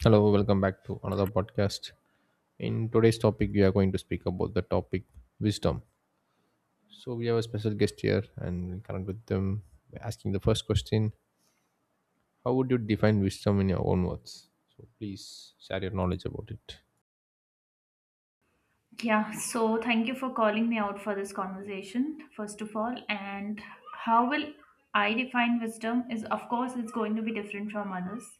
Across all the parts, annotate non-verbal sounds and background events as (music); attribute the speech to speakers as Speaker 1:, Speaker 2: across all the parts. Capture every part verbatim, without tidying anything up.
Speaker 1: Hello, welcome back to another podcast. In today's topic, we are going to speak about the topic wisdom. So, we have a special guest here and we'll connect with them by asking the first question. How would you define wisdom in your own words? So, please share your knowledge about it.
Speaker 2: Yeah, so thank you for calling me out for this conversation, first of all. And how will I define wisdom is, of course, it's going to be different from others.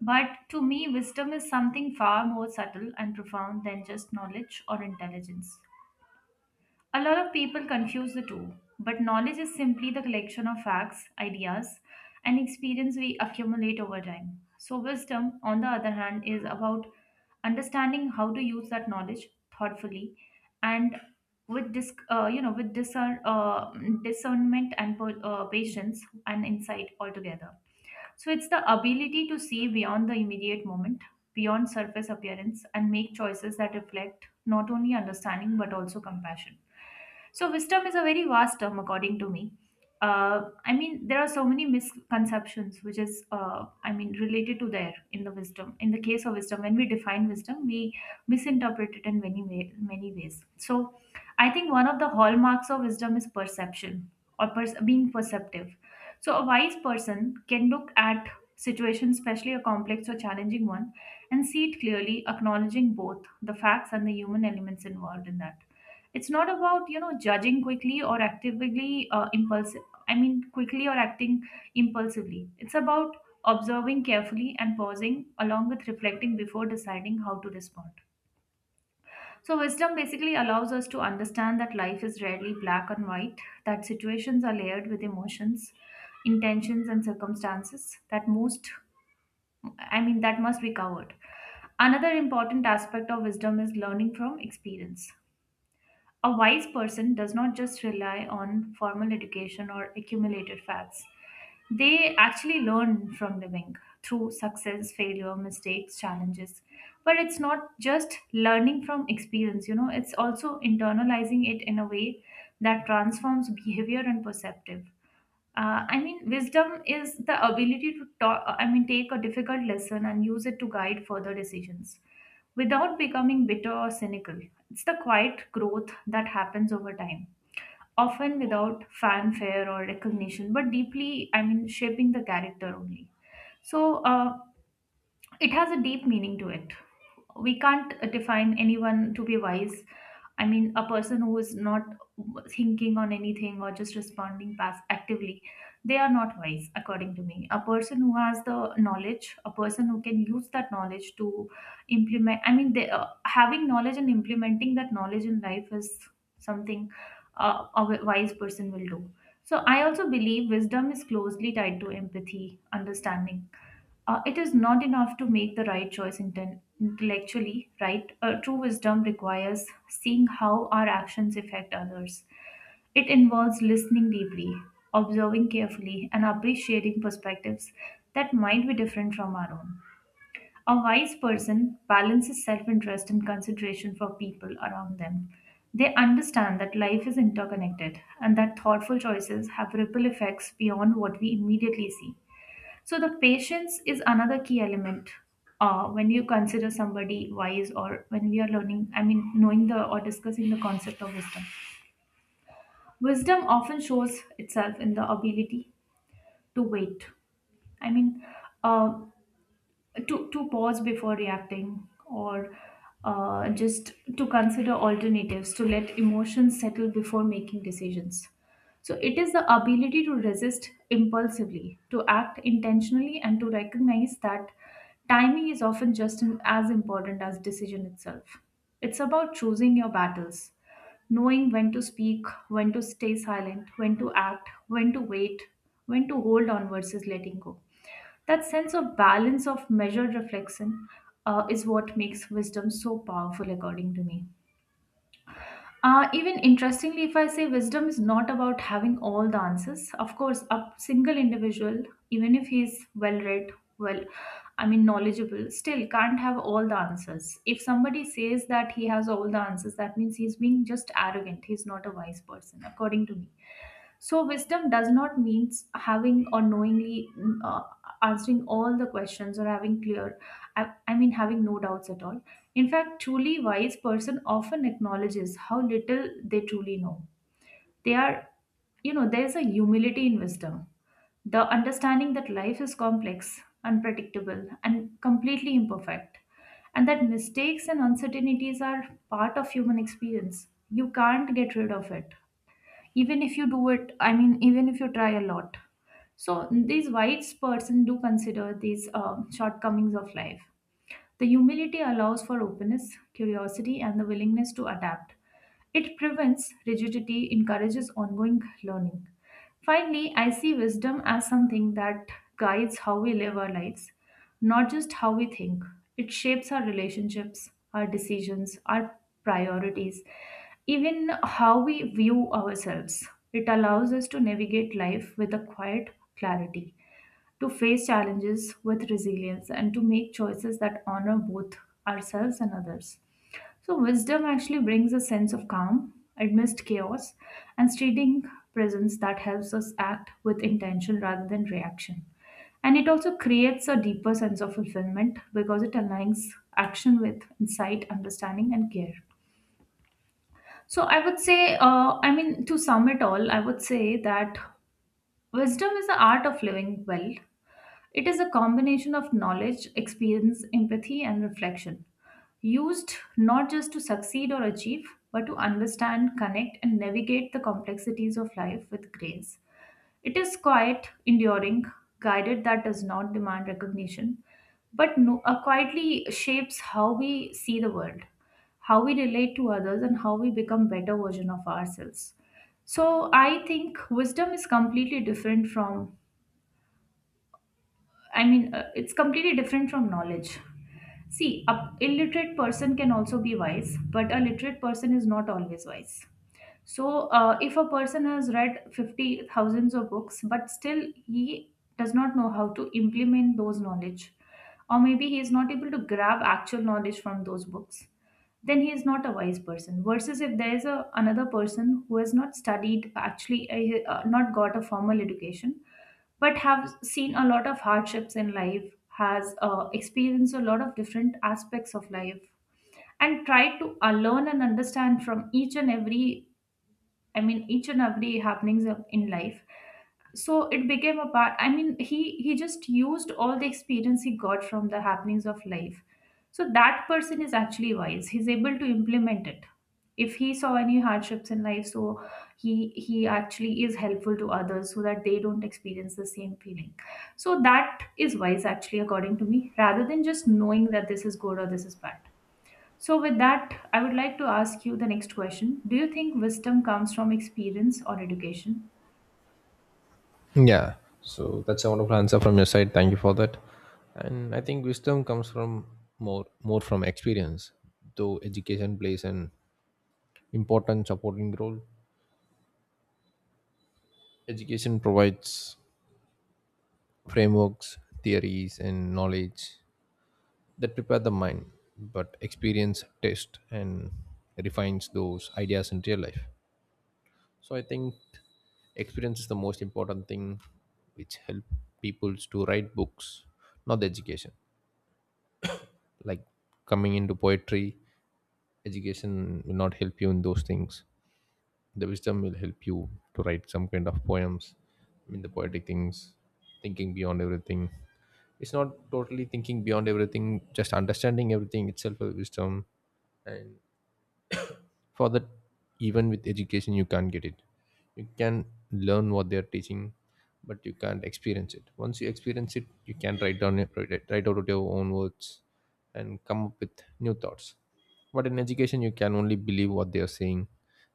Speaker 2: But to me, wisdom is something far more subtle and profound than just knowledge or intelligence. A lot of people confuse the two, but knowledge is simply the collection of facts, ideas, and experience we accumulate over time. So, wisdom, on the other hand, is about understanding how to use that knowledge thoughtfully and with dis- uh, you know with discern, uh, discernment and per- uh, patience and insight altogether. So it's the ability to see beyond the immediate moment, beyond surface appearance, and make choices that reflect not only understanding but also compassion. So wisdom is a very vast term, according to me. Uh, I mean, there are so many misconceptions, which is, uh, I mean, related to there in the wisdom. In the case of wisdom, when we define wisdom, we misinterpret it in many way, many ways. So, I think one of the hallmarks of wisdom is perception, or pers- being perceptive. So a wise person can look at situations, especially a complex or challenging one, and see it clearly, acknowledging both the facts and the human elements involved in that. It's not about you know judging quickly or actively uh, impulsive. I mean, quickly or acting impulsively. It's about observing carefully and pausing, along with reflecting before deciding how to respond. So, wisdom basically allows us to understand that life is rarely black and white, that situations are layered with emotions, intentions, and circumstances that most, I mean, that must be covered. Another important aspect of wisdom is learning from experience. A wise person does not just rely on formal education or accumulated facts. They actually learn from living through success, failure, mistakes, challenges. But it's not just learning from experience, you know, it's also internalizing it in a way that transforms behavior and perceptive. Uh, I mean, wisdom is the ability to talk, I mean, take a difficult lesson and use it to guide further decisions without becoming bitter or cynical. It's the quiet growth that happens over time, often without fanfare or recognition, but deeply, I mean, shaping the character only. So, uh, it has a deep meaning to it. We can't uh, define anyone to be wise. I mean, a person who is not thinking on anything or just responding pass actively, they are not wise, according to me. A person who has the knowledge, a person who can use that knowledge to implement, I mean, they, uh, having knowledge and implementing that knowledge in life is something uh, a wi- wise person will do. So, I also believe wisdom is closely tied to empathy, understanding. Uh, it is not enough to make the right choice inten- intellectually, right? Uh, true wisdom requires seeing how our actions affect others. It involves listening deeply, observing carefully, and appreciating perspectives that might be different from our own. A wise person balances self interest and consideration for people around them. They understand that life is interconnected and that thoughtful choices have ripple effects beyond what we immediately see. So, the patience is another key element uh, when you consider somebody wise, or when we are learning, I mean, knowing the or discussing the concept of wisdom. Wisdom often shows itself in the ability to wait. I mean, uh, to to pause before reacting, or uh, just to consider alternatives, to let emotions settle before making decisions. So it is the ability to resist impulsively, to act intentionally, and to recognize that timing is often just an- as important as decision itself. It's about choosing your battles, knowing when to speak, when to stay silent, when to act, when to wait, when to hold on versus letting go. That sense of balance, of measured reflection, uh, is what makes wisdom so powerful, according to me. Uh, even interestingly, if I say, wisdom is not about having all the answers. Of course, a single individual, even if he is well read, well, I mean, knowledgeable, still can't have all the answers. If somebody says that he has all the answers, that means he's being just arrogant. He's not a wise person, according to me. So, wisdom does not mean having or knowingly mm, uh, answering all the questions, or having clear, I, I mean, having no doubts at all. In fact, truly wise person often acknowledges how little they truly know. They are, you know, There is a humility in wisdom, the understanding that life is complex, unpredictable, and completely imperfect, and that mistakes and uncertainties are part of human experience. You can't get rid of it even if you do it. I mean, even if you try a lot. So these wise person do consider these uh, shortcomings of life. The humility allows for openness, curiosity, and the willingness to adapt. It prevents rigidity, encourages ongoing learning. Finally, I see wisdom as something that guides how we live our lives, not just how we think. It shapes our relationships, our decisions, our priorities, even how we view ourselves. It allows us to navigate life with a quiet clarity, to face challenges with resilience, and to make choices that honor both ourselves and others. So, wisdom actually brings a sense of calm amidst chaos, and steadying presence that helps us act with intention rather than reaction. And it also creates a deeper sense of fulfillment, because it aligns action with insight, understanding, and care. So I would say, uh, I mean, to sum it all, I would say that wisdom is the art of living well. It is a combination of knowledge, experience, empathy, and reflection, used not just to succeed or achieve, but to understand, connect, and navigate the complexities of life with grace. It is quiet, enduring, guided, that does not demand recognition, but no, uh, quietly shapes how we see the world, how we relate to others, and how we become better version of ourselves. So I think wisdom is completely different from, I mean, uh, it's completely different from knowledge. See, a illiterate person can also be wise, but a literate person is not always wise. So, uh, if a person has read fifty thousands of books, but still he does not know how to implement those knowledge, or maybe he is not able to grab actual knowledge from those books, then he is not a wise person. Versus if there is a, another person who has not studied, actually, uh, uh, not got a formal education, but have seen a lot of hardships in life, has uh, experienced a lot of different aspects of life, and tried to uh, learn and understand from each and every I mean, each and every happenings of- in life. So it became a part. I mean, he he just used all the experience he got from the happenings of life. So that person is actually wise. He's able to implement it. If he saw any hardships in life, so he he actually is helpful to others so that they don't experience the same feeling. So that is wise actually, according to me, rather than just knowing that this is good or this is bad. So, with that, I would like to ask you the next question. Do you think wisdom comes from experience or education?
Speaker 1: Yeah, so that's a wonderful answer from your side. Thank you for that. And I think wisdom comes from more more from experience, though education plays an important supporting role. Education provides frameworks, theories, and knowledge that prepare the mind, but experience tests and refines those ideas in real life. So I think experience is the most important thing which help people to write books, not the education. Like coming into poetry, education will not help you in those things. The wisdom will help you to write some kind of poems, I mean the poetic things, thinking beyond everything. It's not totally thinking beyond everything, just understanding everything itself is wisdom. And for that, even with education you can't get it. You can learn what they're teaching, but you can't experience it. Once you experience it, you can write down it, write it- write out your own words and come up with new thoughts. But in education you can only believe what they are saying,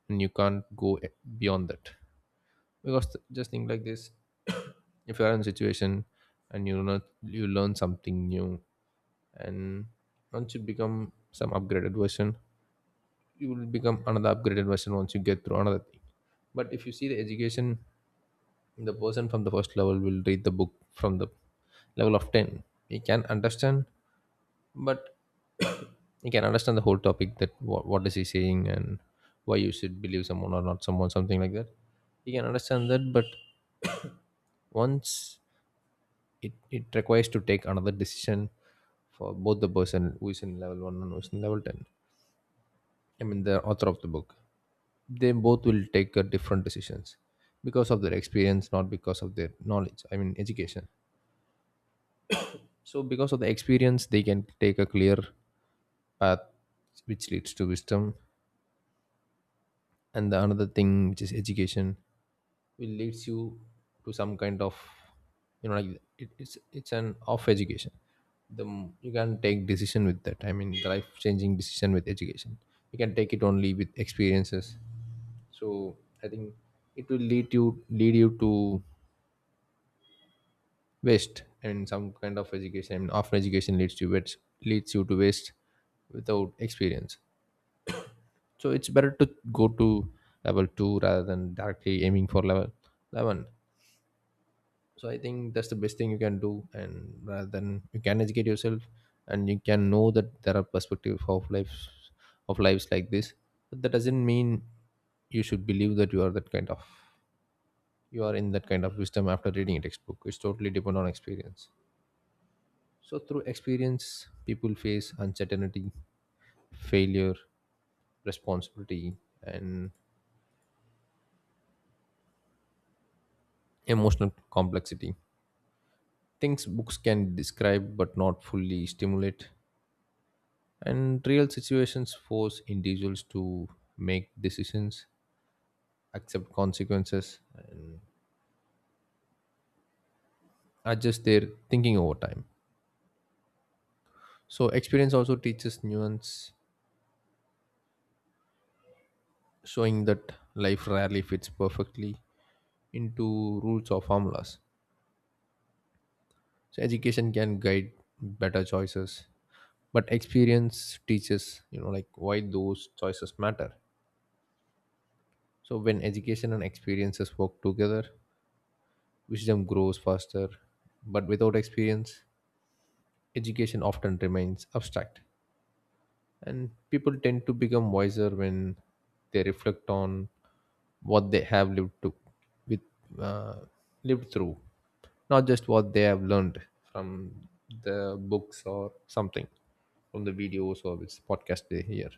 Speaker 1: and you can't go beyond that. Because just think like this: if you are in a situation and you not you learn something new, and once you become some upgraded version, you will become another upgraded version once you get through another thing. But if you see the education, the person from the first level will read the book from the level of ten. He can understand, but he can understand the whole topic, that what, what is he saying and why you should believe someone or not someone, something like that. He can understand that, but once it, it requires to take another decision for both the person who is in level one and who is in level ten, I mean the author of the book, they both will take uh, different decisions because of their experience, not because of their knowledge, I mean education. So because of the experience they can take a clear path which leads to wisdom. And the another thing, which is education, will leads you to some kind of, you know like, it, it's it's an off education. The m- you can take decision with that, I mean the life changing decision with education, you can take it only with experiences. So I think it will lead you, lead you to waste, and some kind of education, I mean, often education leads to waste, leads you to waste without experience. So it's better to go to level two rather than directly aiming for level eleven. So I think that's the best thing you can do, and rather, than you can educate yourself and you can know that there are perspectives of lives, of lives like this. But that doesn't mean you should believe that you are that kind of, you are in that kind of wisdom after reading a textbook. It's totally depend on experience. So through experience, people face uncertainty, failure, responsibility, and emotional complexity, things books can describe but not fully stimulate. And real situations force individuals to make decisions, accept consequences, and adjust their thinking over time. So, experience also teaches nuance, showing that life rarely fits perfectly into rules or formulas. So, education can guide better choices, but experience teaches, you know, like, why those choices matter. So, when education and experiences work together, wisdom grows faster, but without experience, education often remains abstract, and people tend to become wiser when they reflect on what they have lived to with uh, lived through, not just what they have learned from the books or something, from the videos or which podcast they hear.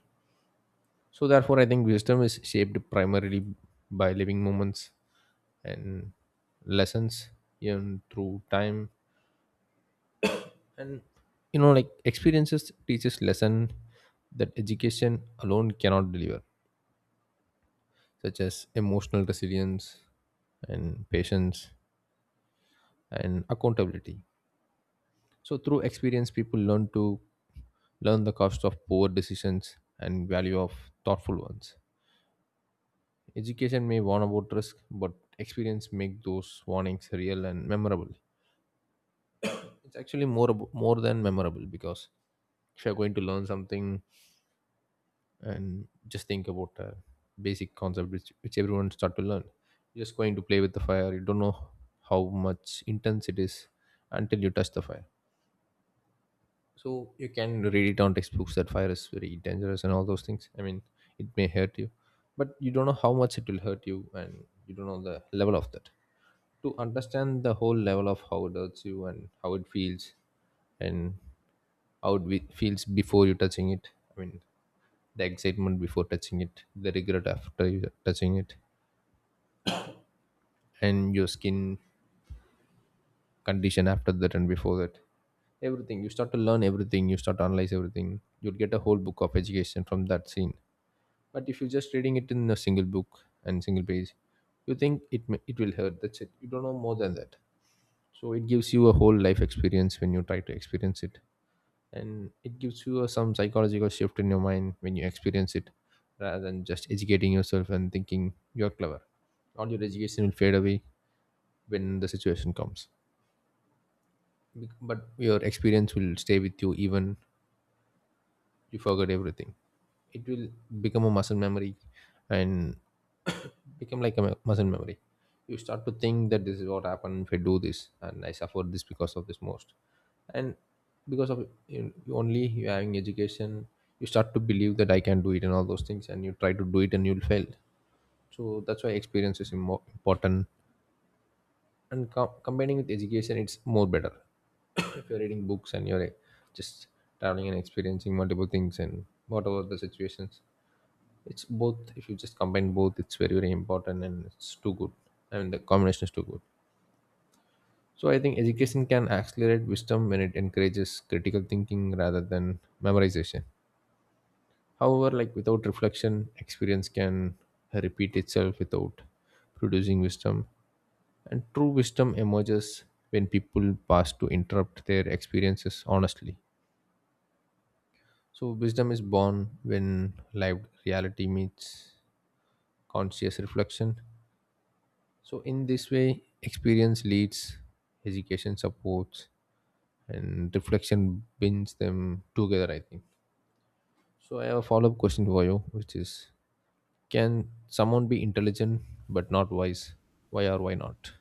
Speaker 1: So therefore, I think wisdom is shaped primarily by living moments and lessons earned through time, and, you know like, experiences teaches lesson that education alone cannot deliver, such as emotional resilience and patience and accountability. So through experience people learn to learn the cost of poor decisions and value of thoughtful ones. Education may warn about risk, but experience make those warnings real and memorable. It's actually more abo- more than memorable, because if you're going to learn something, and just think about a basic concept which, which everyone start to learn. You're just going to play with the fire, you don't know how much intense it is until you touch the fire. So you can read it on textbooks that fire is very dangerous and all those things, I mean it may hurt you, but you don't know how much it will hurt you, and you don't know the level of that. To understand the whole level of how it hurts you and how it feels, and how it be- feels before you touching it, I mean the excitement before touching it, the regret after you touching it, and your skin condition after that and before that. Everything. You start to learn everything, you start to analyze everything. You'll get a whole book of education from that scene. But if you're just reading it in a single book and single page, you think it may, it will hurt. That's it. You don't know more than that. So it gives you a whole life experience when you try to experience it. And it gives you a, some psychological shift in your mind when you experience it, rather than just educating yourself and thinking you're clever. All your education will fade away when the situation comes. Bec- but your experience will stay with you even you forget everything. It will become a muscle memory, and become like a mu- muscle memory. You start to think that this is what happened if I do this, and I suffer this because of this most. And because of you, you only, you having education, you start to believe that I can do it and all those things, and you try to do it and you'll fail. So that's why experience is more important, and co- combining with education it's more better. (coughs) If you're reading books and you're eh, just traveling and experiencing multiple things and whatever the situations, it's both. If you just combine both, it's very very important, and it's too good. I mean, the combination is too good. So I think education can accelerate wisdom when it encourages critical thinking rather than memorization. However, like, without reflection, experience can repeat itself without producing wisdom. And true wisdom emerges when people pass to interrupt their experiences honestly. So wisdom is born when lived reality meets conscious reflection. So, in this way, experience leads, education supports, and reflection binds them together, I think. So, I have a follow up question for you, which is, can someone be intelligent but not wise? Why or why not?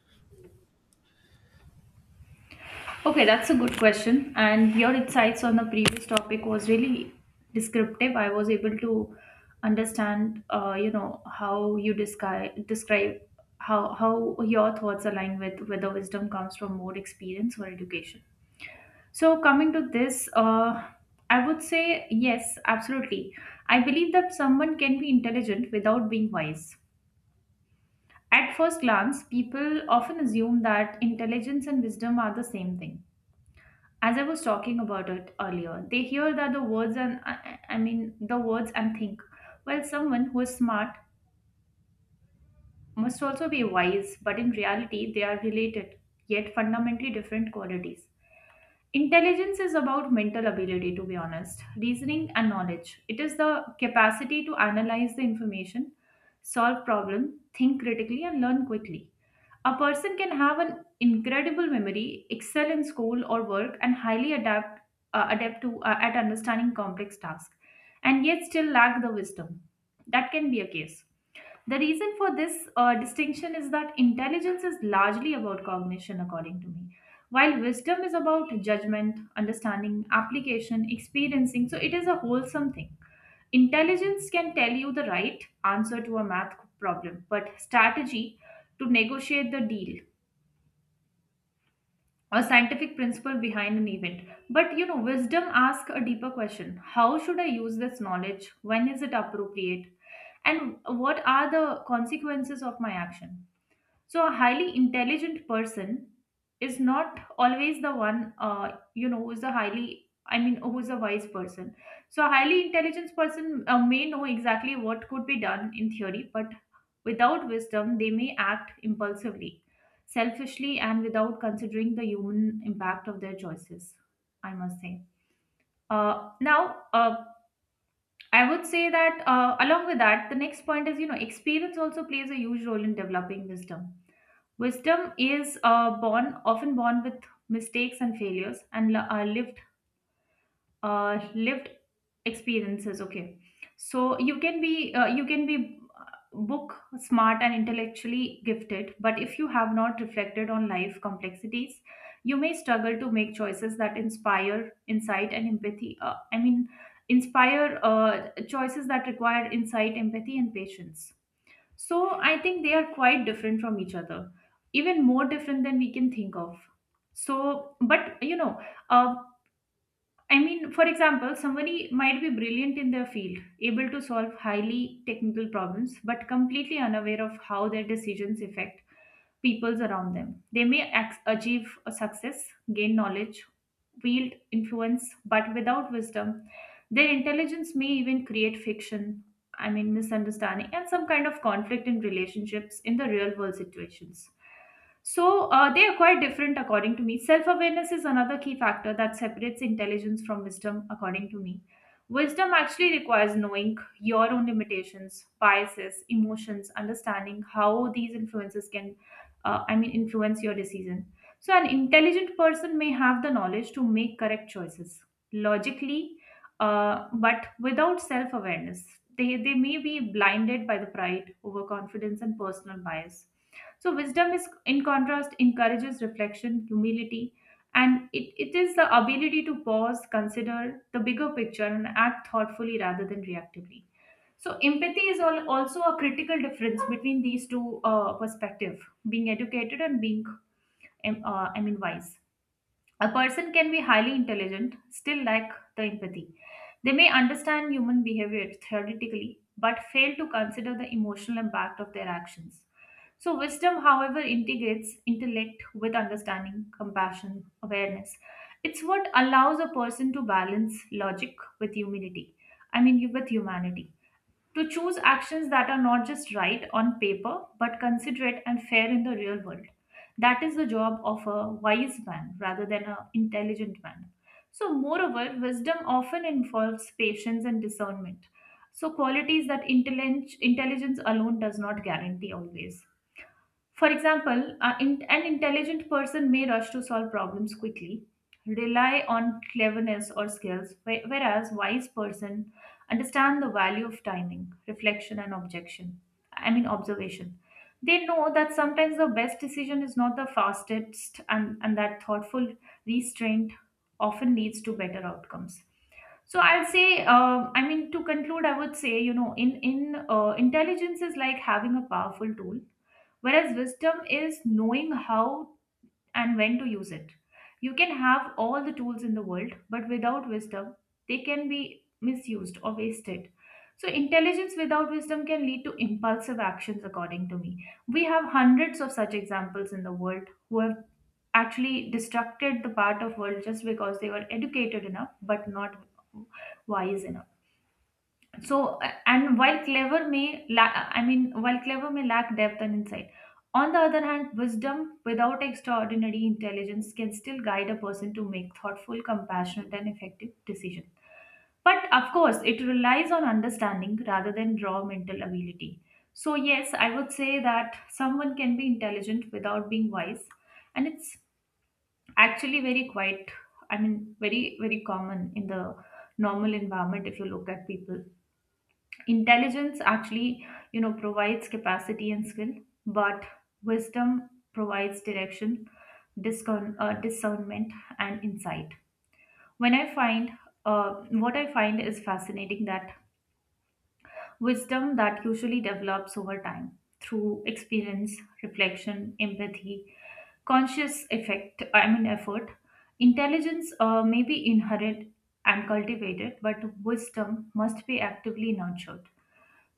Speaker 2: Okay, that's a good question. And your insights on the previous topic was really descriptive. I was able to understand, uh, you know, how you describe describe how how your thoughts align with whether wisdom comes from more experience or education. So, coming to this, uh, I would say yes, absolutely. I believe that someone can be intelligent without being wise. At first glance, people often assume that intelligence and wisdom are the same thing. As I was talking about it earlier, they hear that the words, and I I- I mean the words, and think, well, someone who is smart must also be wise, but in reality, they are related, yet fundamentally different qualities. Intelligence is about mental ability, to be honest, reasoning and knowledge. It is the capacity to analyze the information, solve problem, think critically, and learn quickly. A person can have an incredible memory, excel in school or work, and highly adapt uh, adept to uh, at understanding complex tasks, and yet still lack the wisdom. That can be a case. The reason for this uh, distinction is that intelligence is largely about cognition, according to me, while wisdom is about judgment, understanding, application, experiencing. So it is a wholesome thing. Intelligence can tell you the right answer to a math problem, but strategy to negotiate the deal, a scientific principle behind an event. But you know, wisdom asks a deeper question: how should I use this knowledge? When is it appropriate? And what are the consequences of my action? So a highly intelligent person is not always the one uh, you know who's a highly i mean who's a wise person. So a highly intelligent person uh, may know exactly what could be done in theory, but without wisdom they may act impulsively, selfishly, and without considering the human impact of their choices. I must say, uh, now uh, I would say that uh, along with that, the next point is, you know, experience also plays a huge role in developing wisdom. Wisdom is uh, born often born with mistakes and failures and li- uh, lived uh, lived experiences. Okay, so you can be uh, you can be uh, book smart and intellectually gifted, but if you have not reflected on life complexities, you may struggle to make choices that inspire insight and empathy. Uh, I mean, inspire uh, choices that require insight, empathy, and patience. So I think they are quite different from each other, even more different than we can think of. So, but you know, uh, I mean, for example, somebody might be brilliant in their field, able to solve highly technical problems, but completely unaware of how their decisions affect peoples around them. They may ac- achieve a success, gain knowledge, wield influence, but without wisdom, their intelligence may even create fiction, I mean, misunderstanding, and some kind of conflict in relationships in the real world situations. So uh, they are quite different, according to me. Self awareness is another key factor that separates intelligence from wisdom, according to me. Wisdom actually requires knowing your own limitations, biases, emotions, understanding how these influences can, uh, I mean, influence your decision. So, an intelligent person may have the knowledge to make correct choices logically, uh, but without self awareness, They, they may be blinded by the pride, overconfidence, and personal bias. So, wisdom, is, in contrast, encourages reflection, humility, and it, it is the ability to pause, consider the bigger picture, and act thoughtfully rather than reactively. So, empathy is all, also a critical difference between these two uh, perspective, being educated and being, um, uh, I mean, wise. A person can be highly intelligent, still lack the empathy. They may understand human behavior theoretically, but fail to consider the emotional impact of their actions. So, wisdom, however, integrates intellect with understanding, compassion, awareness. It's what allows a person to balance logic with humility. I mean, with humanity, to choose actions that are not just right on paper but considerate and fair in the real world. That is the job of a wise man rather than an intelligent man. So, moreover, wisdom often involves patience and discernment. So, qualities that intellig- intelligence alone does not guarantee always. For example, a in- an intelligent person may rush to solve problems quickly, rely on cleverness or skills, whe- whereas wise person understand the value of timing, reflection and objection. I mean observation. They know that sometimes the best decision is not the fastest, and, and that thoughtful restraint often leads to better outcomes. So I'll say, um, I mean, to conclude, I would say, you know, in in uh, intelligence is like having a powerful tool, whereas wisdom is knowing how and when to use it. You can have all the tools in the world, but without wisdom, they can be misused or wasted. So, intelligence without wisdom can lead to impulsive actions, according to me. We have hundreds of such examples in the world who have actually destructed the part of world just because they were educated enough but not wise enough. So, uh, and while clever may lack, I mean, while clever may lack depth and insight. On the other hand, wisdom without extraordinary intelligence can still guide a person to make thoughtful, compassionate, and effective decisions. But of course, it relies on understanding rather than raw mental ability. So, yes, I would say that someone can be intelligent without being wise, and it's actually very quite i mean very very common in the normal environment. If you look at people, intelligence actually, you know, provides capacity and skill, but wisdom provides direction, discern, uh, discernment and insight. When I find uh, What I find is fascinating, that wisdom that usually develops over time through experience, reflection, empathy, conscious effect, I mean effort. Intelligence uh, may be inherited and cultivated, but wisdom must be actively nurtured.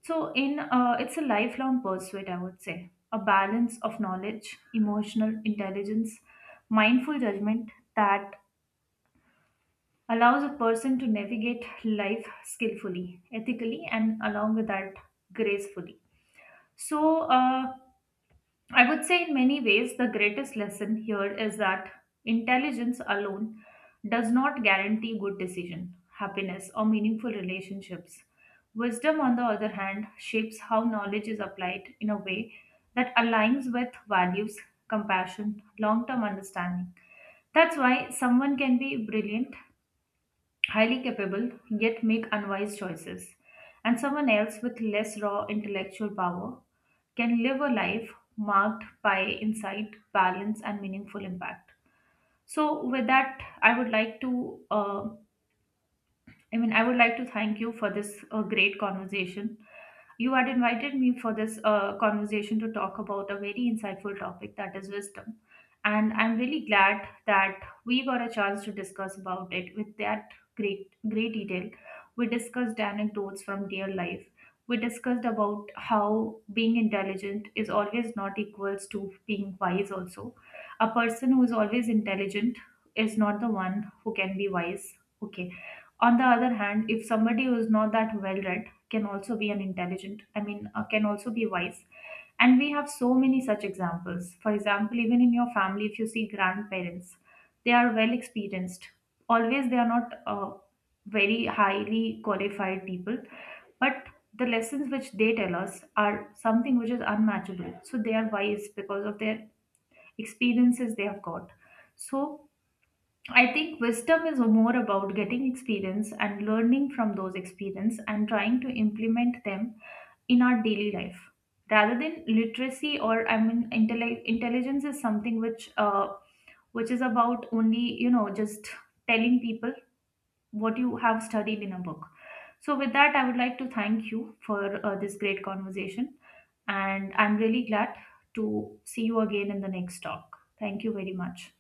Speaker 2: So, in uh, it's a lifelong pursuit, I would say, a balance of knowledge, emotional intelligence, mindful judgment that allows a person to navigate life skillfully, ethically, and along with that, gracefully. So, uh, I would say in many ways, the greatest lesson here is that intelligence alone does not guarantee good decision, happiness, or meaningful relationships. Wisdom, on the other hand, shapes how knowledge is applied in a way that aligns with values, compassion, long term understanding. That's why someone can be brilliant, highly capable, yet make unwise choices, and someone else with less raw intellectual power can live a life marked by insight, balance, and meaningful impact. So, with that, I would like to uh, I mean, I would like to thank you for this uh, great conversation. You had invited me for this uh, conversation to talk about a very insightful topic, that is wisdom. And I'm really glad that we got a chance to discuss about it with that great, great detail. We discussed anecdotes from real life. We discussed about how being intelligent is always not equals to being wise also. A person who is always intelligent is not the one who can be wise. Okay, on the other hand, if somebody who is not that well read can also be an intelligent I mean uh, can also be wise. And we have so many such examples. For example, even in your family, if you see grandparents, they are well experienced, always they are not uh, very highly qualified people, but the lessons which they tell us are something which is unmatchable. So they are wise because of their experiences they have got. So I think wisdom is more about getting experience and learning from those experience and trying to implement them in our daily life, rather than literacy. Or I mean intelli- intelligence is something which uh, which is about only, you know, just telling people what you have studied in a book. So with that, I would like to thank you for uh, this great conversation, and I'm really glad to see you again in the next talk. Thank you very much.